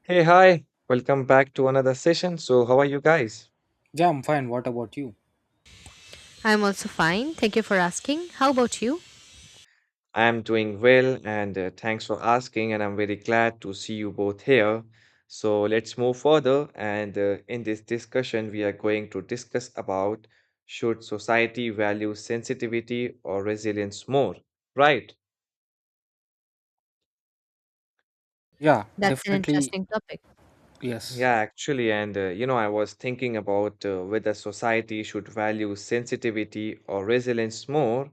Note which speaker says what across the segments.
Speaker 1: Hey, hi. Welcome back to another session. So, how are you guys?
Speaker 2: Yeah, I'm fine. What about you?
Speaker 3: I'm also fine. Thank you for asking. How about you?
Speaker 1: I am doing well and thanks for asking. And I'm very glad to see you both here. So, let's move further. And In this discussion, we are going to discuss about should society value sensitivity or resilience more? Right.
Speaker 2: Yeah,
Speaker 3: That's an
Speaker 2: definitely.
Speaker 3: interesting topic.
Speaker 2: Yes.
Speaker 1: Yeah, actually. I was thinking about whether society should value sensitivity or resilience more.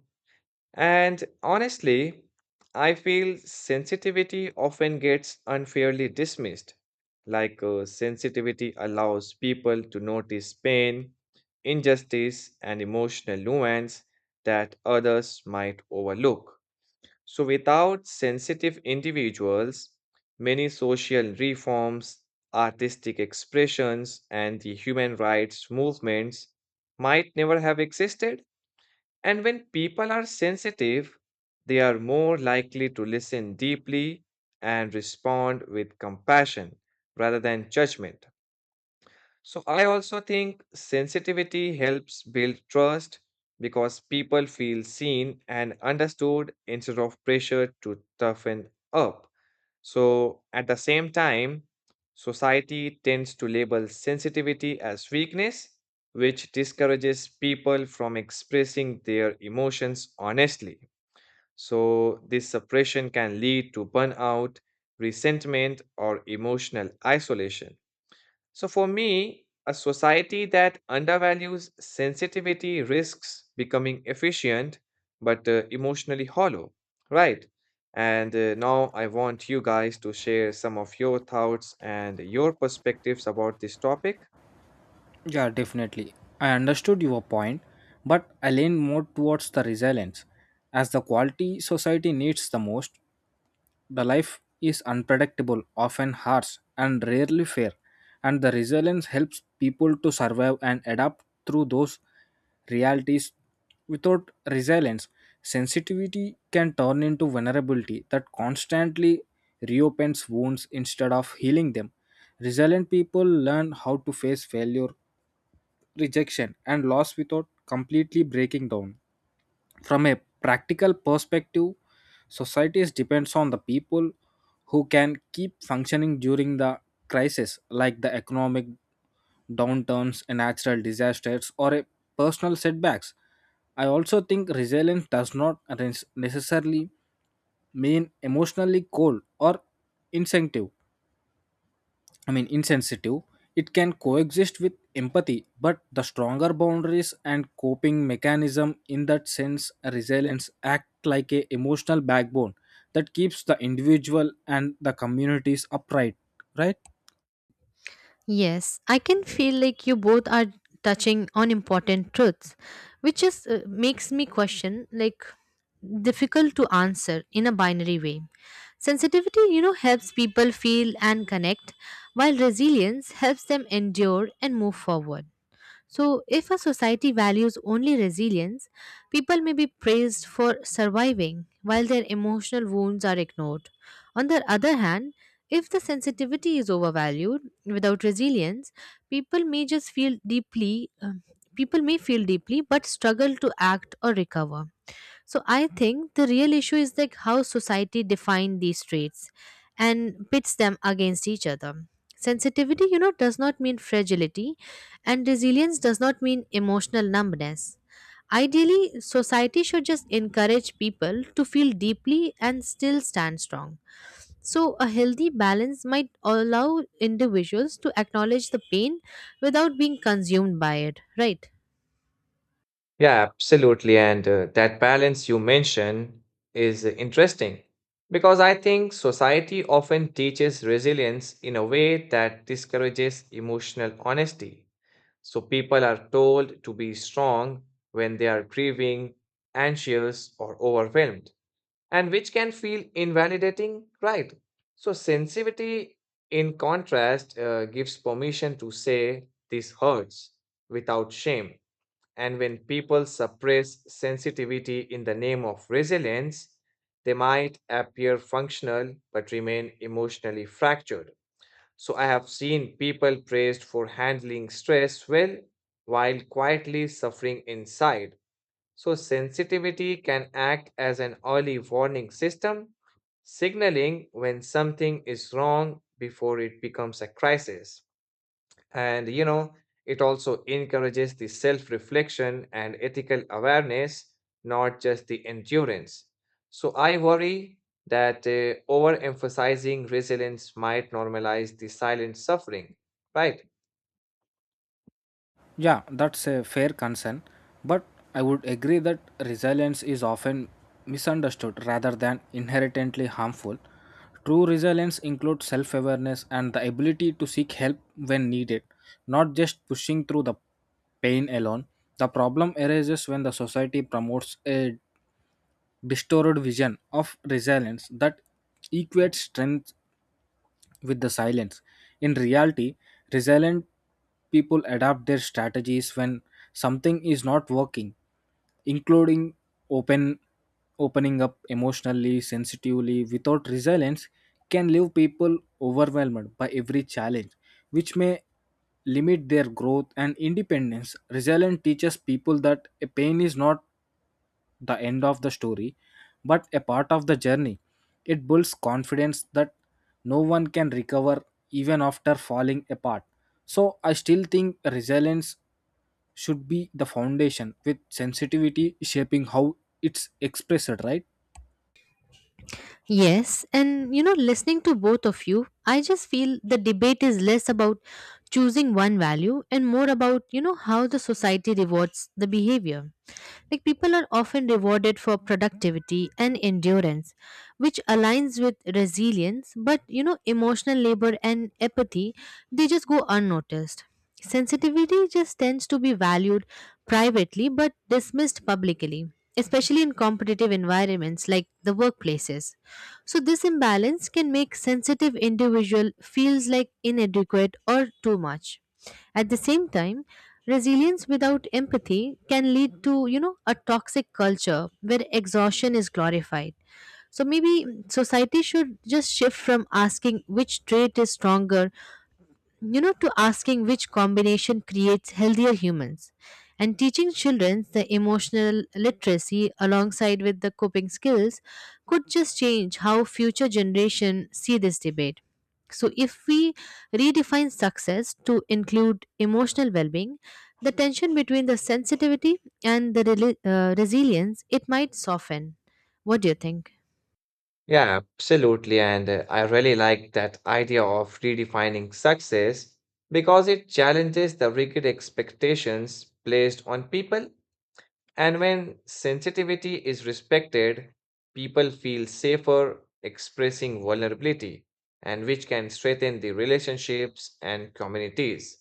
Speaker 1: And honestly, I feel sensitivity often gets unfairly dismissed. Sensitivity allows people to notice pain, injustice, and emotional nuance that others might overlook. So, without sensitive individuals, many social reforms, artistic expressions, and the human rights movements might never have existed. And when people are sensitive, they are more likely to listen deeply and respond with compassion rather than judgment. So, I also think sensitivity helps build trust because people feel seen and understood instead of pressured to toughen up. So, at the same time, society tends to label sensitivity as weakness, which discourages people from expressing their emotions honestly. So, this suppression can lead to burnout, resentment, or emotional isolation. So, for me, a society that undervalues sensitivity risks becoming efficient but emotionally hollow, right? And now I want you guys to share some of your thoughts and your perspectives about this topic.
Speaker 2: Yeah, definitely. I understood your point, but I lean more towards the resilience as the quality society needs the most. The life is unpredictable, often harsh, and rarely fair, and the resilience helps people to survive and adapt through those realities. Without resilience, sensitivity can turn into vulnerability that constantly reopens wounds instead of healing them. Resilient people learn how to face failure, rejection, and loss without completely breaking down. From a practical perspective, societies depends on the people who can keep functioning during the crisis like the economic downturns, and natural disasters or a personal setbacks. I also think resilience does not necessarily mean emotionally cold or insensitive. I mean, insensitive. It can coexist with empathy, but the stronger boundaries and coping mechanism in that sense, resilience act like a emotional backbone that keeps the individual and the communities upright, right?
Speaker 3: Yes, I can feel like you both are touching on important truths, which just makes me question, like, difficult to answer in a binary way. Sensitivity, you know, helps people feel and connect, while resilience helps them endure and move forward. So, if a society values only resilience, people may be praised for surviving while their emotional wounds are ignored. On the other hand, if the sensitivity is overvalued without resilience, people may just feel deeply, um, people may feel deeply but struggle to act or recover. So I think the real issue is like how society defined these traits and pits them against each other. Sensitivity, you know, does not mean fragility, and resilience does not mean emotional numbness. Ideally, society should just encourage people to feel deeply and still stand strong. So, a healthy balance might allow individuals to acknowledge the pain without being consumed by it, right?
Speaker 1: Yeah, absolutely. And that balance you mention is interesting because I think society often teaches resilience in a way that discourages emotional honesty. So people are told to be strong when they are grieving, anxious, or overwhelmed, and which can feel invalidating, right? So sensitivity, in contrast, gives permission to say this hurts without shame and when people suppress sensitivity in the name of resilience, they might appear functional but remain emotionally fractured. So I have seen people praised for handling stress well while quietly suffering inside. So sensitivity can act as an early warning system, signaling when something is wrong before it becomes a crisis. And you know, it also encourages the self reflection and ethical awareness, not just the endurance. So I worry that overemphasizing resilience might normalize the silent suffering, right?
Speaker 2: Yeah, that's a fair concern, but I would agree that resilience is often misunderstood rather than inherently harmful. True resilience includes self awareness and the ability to seek help when needed, not just pushing through the pain alone. The problem arises when the society promotes a distorted vision of resilience that equates strength with the silence. In reality, resilient people adapt their strategies when something is not working, including open opening up emotionally, sensitively. Without resilience, can leave people overwhelmed by every challenge, which may limit their growth and independence. Resilience teaches people that a pain is not the end of the story, but a part of the journey. It builds confidence that no one can recover even after falling apart. So I still think resilience should be the foundation with sensitivity shaping how it's expressed, right?
Speaker 3: Yes, and you know, listening to both of you, I just feel the debate is less about choosing one value and more about, you know, how the society rewards the behavior. Like people are often rewarded for productivity and endurance, which aligns with resilience, but you know, emotional labor and apathy, they just go unnoticed. Sensitivity just tends to be valued privately but dismissed publicly, especially in competitive environments like the workplaces. So this imbalance can make sensitive individual feels like inadequate or too much. At the same time, resilience without empathy can lead to, you know, a toxic culture where exhaustion is glorified. So maybe society should just shift from asking which trait is stronger, you know, to asking which combination creates healthier humans, and teaching children the emotional literacy alongside with the coping skills could just change how future generation see this debate. So if we redefine success to include emotional well-being, the tension between the sensitivity and the resilience, it might soften. What do you think?
Speaker 1: Yeah, absolutely. And I really like that idea of redefining success because it challenges the rigid expectations placed on people. And when sensitivity is respected, people feel safer expressing vulnerability, and which can strengthen the relationships and communities.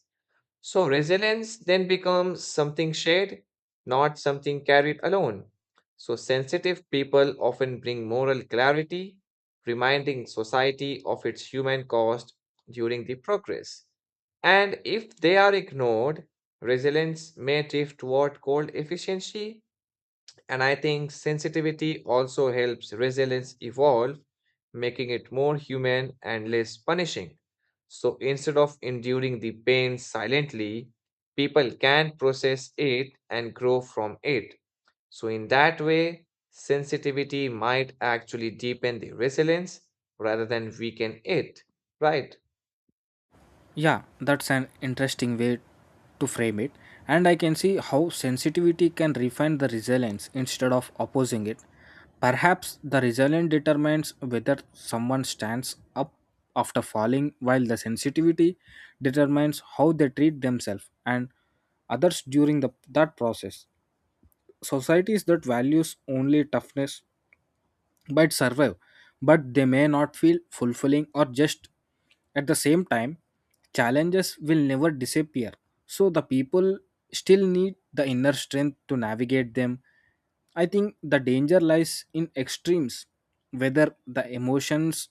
Speaker 1: So, resilience then becomes something shared, not something carried alone. So, sensitive people often bring moral clarity, reminding society of its human cost during the progress. And if they are ignored, resilience may drift toward cold efficiency and I think sensitivity also helps resilience evolve, making it more human and less punishing. So instead of enduring the pain silently, people can process it and grow from it. So, in that way, sensitivity might actually deepen the resilience rather than weaken it, right?
Speaker 2: Yeah, that's an interesting way to frame it, and I can see how sensitivity can refine the resilience instead of opposing it. Perhaps the resilience determines whether someone stands up after falling, while the sensitivity determines how they treat themselves and others during that process. Societies that values only toughness but survive, but they may not feel fulfilling. Or just at the same time, challenges will never disappear, so the people still need the inner strength to navigate them. I think the danger lies in extremes, whether the emotions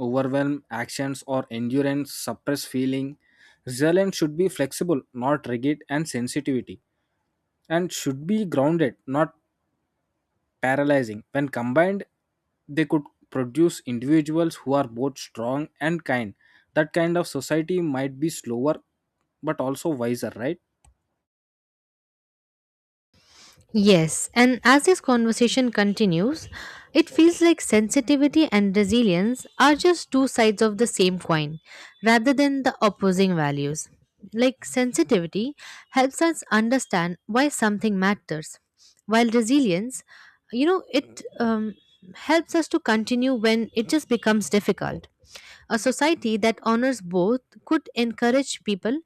Speaker 2: overwhelm actions or endurance suppress feeling. Resilience should be flexible, not rigid, and sensitivity and should be grounded, not paralyzing. When combined, they could produce individuals who are both strong and kind. That kind of society might be slower but also wiser, right?
Speaker 3: Yes, and as this conversation continues, it feels like sensitivity and resilience are just two sides of the same coin rather than the opposing values. Like sensitivity helps us understand why something matters, while resilience, you know, it helps us to continue when it just becomes difficult. A society that honors both could encourage people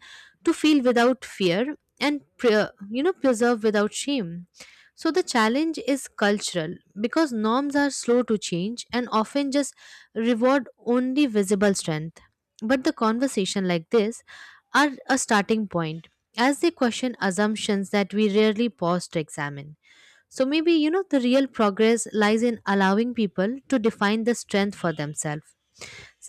Speaker 3: to feel without fear and you know, preserve without shame. So the challenge is cultural because norms are slow to change and often just reward only visible strength. But the conversation like this are a starting point as they question assumptions that we rarely pause to examine. So maybe, you know, the real progress lies in allowing people to define the strength for themselves.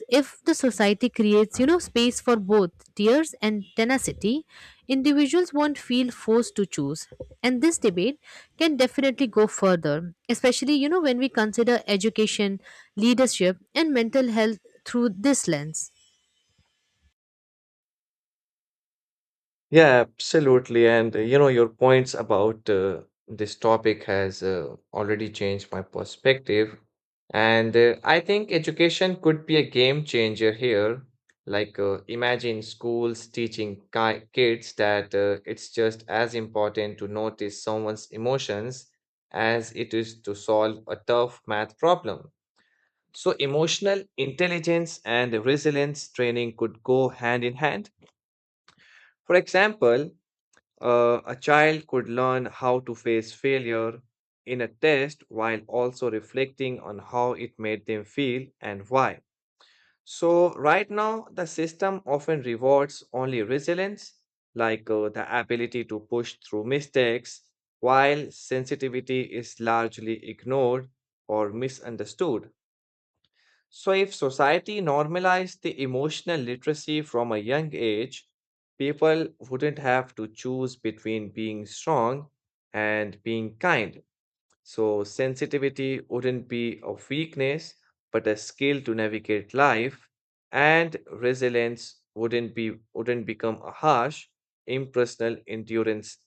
Speaker 3: If the society creates, you know, space for both tears and tenacity, individuals won't feel forced to choose. And this debate can definitely go further, especially, you know, when we consider education, leadership, and mental health through this lens.
Speaker 1: Yeah, absolutely. Your points about this topic has already changed my perspective. And I think education could be a game changer here. Imagine schools teaching ki kids that it's just as important to notice someone's emotions as it is to solve a tough math problem. So, emotional intelligence and resilience training could go hand in hand. For example, a child could learn how to face failure in a test while also reflecting on how it made them feel and why. So, right now, the system often rewards only resilience, like the ability to push through mistakes, while sensitivity is largely ignored or misunderstood. So, if society normalized the emotional literacy from a young age, people wouldn't have to choose between being strong and being kind. So, sensitivity wouldn't be a weakness, but a skill to navigate life, and resilience wouldn't become a harsh, impersonal endurance.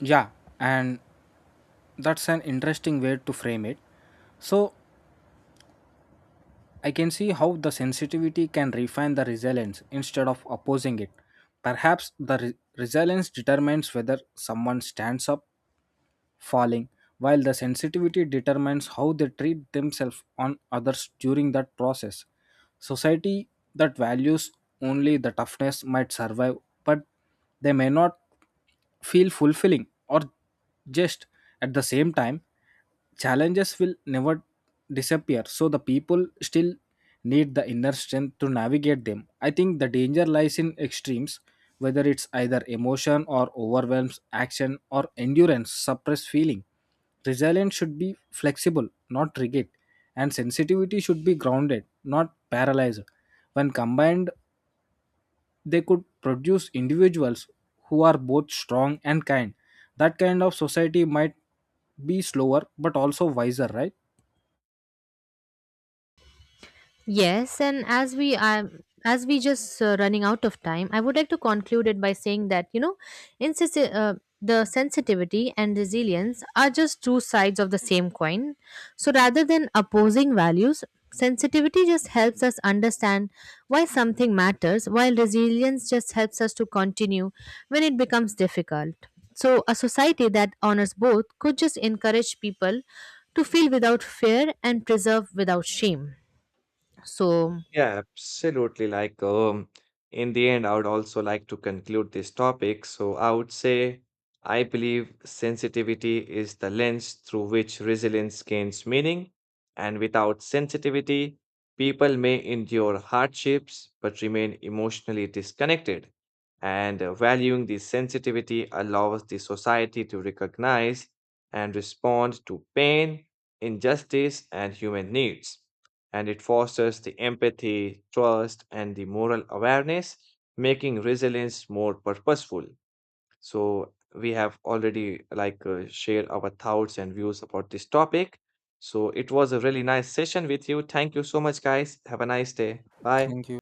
Speaker 2: Yeah, and that's an interesting way to frame it. So, I can see how the sensitivity can refine the resilience instead of opposing it. Perhaps the resilience determines whether someone stands up falling, while the sensitivity determines how they treat themselves on others during that process. Society that values only the toughness might survive, but they may not feel fulfilling. Or just at the same time, challenges will never disappear, so the people still need the inner strength to navigate them. I think the danger lies in extremes, whether it's either emotion or overwhelms action or endurance suppress feeling. Resilience should be flexible, not rigid, and sensitivity should be grounded, not paralyzed. When combined, they could produce individuals who are both strong and kind. That kind of society might be slower but also wiser, right?
Speaker 3: Yes, and as we just running out of time, I would like to conclude it by saying that, you know, insensi- uh, the sensitivity and resilience are just two sides of the same coin. So rather than opposing values, sensitivity just helps us understand why something matters, while resilience just helps us to continue when it becomes difficult. So a society that honors both could just encourage people to feel without fear and preserve without shame so
Speaker 1: Yeah, absolutely. In the end, I would also like to conclude this topic. So, I would say I believe sensitivity is the lens through which resilience gains meaning. And without sensitivity, people may endure hardships but remain emotionally disconnected. And valuing this sensitivity allows the society to recognize and respond to pain, injustice, and human needs and it fosters the empathy, trust, and the moral awareness, making resilience more purposeful. So, we have already shared our thoughts and views about this topic. So, it was a really nice session with you. Thank you so much, guys. Have a nice day. Bye.
Speaker 2: Thank you.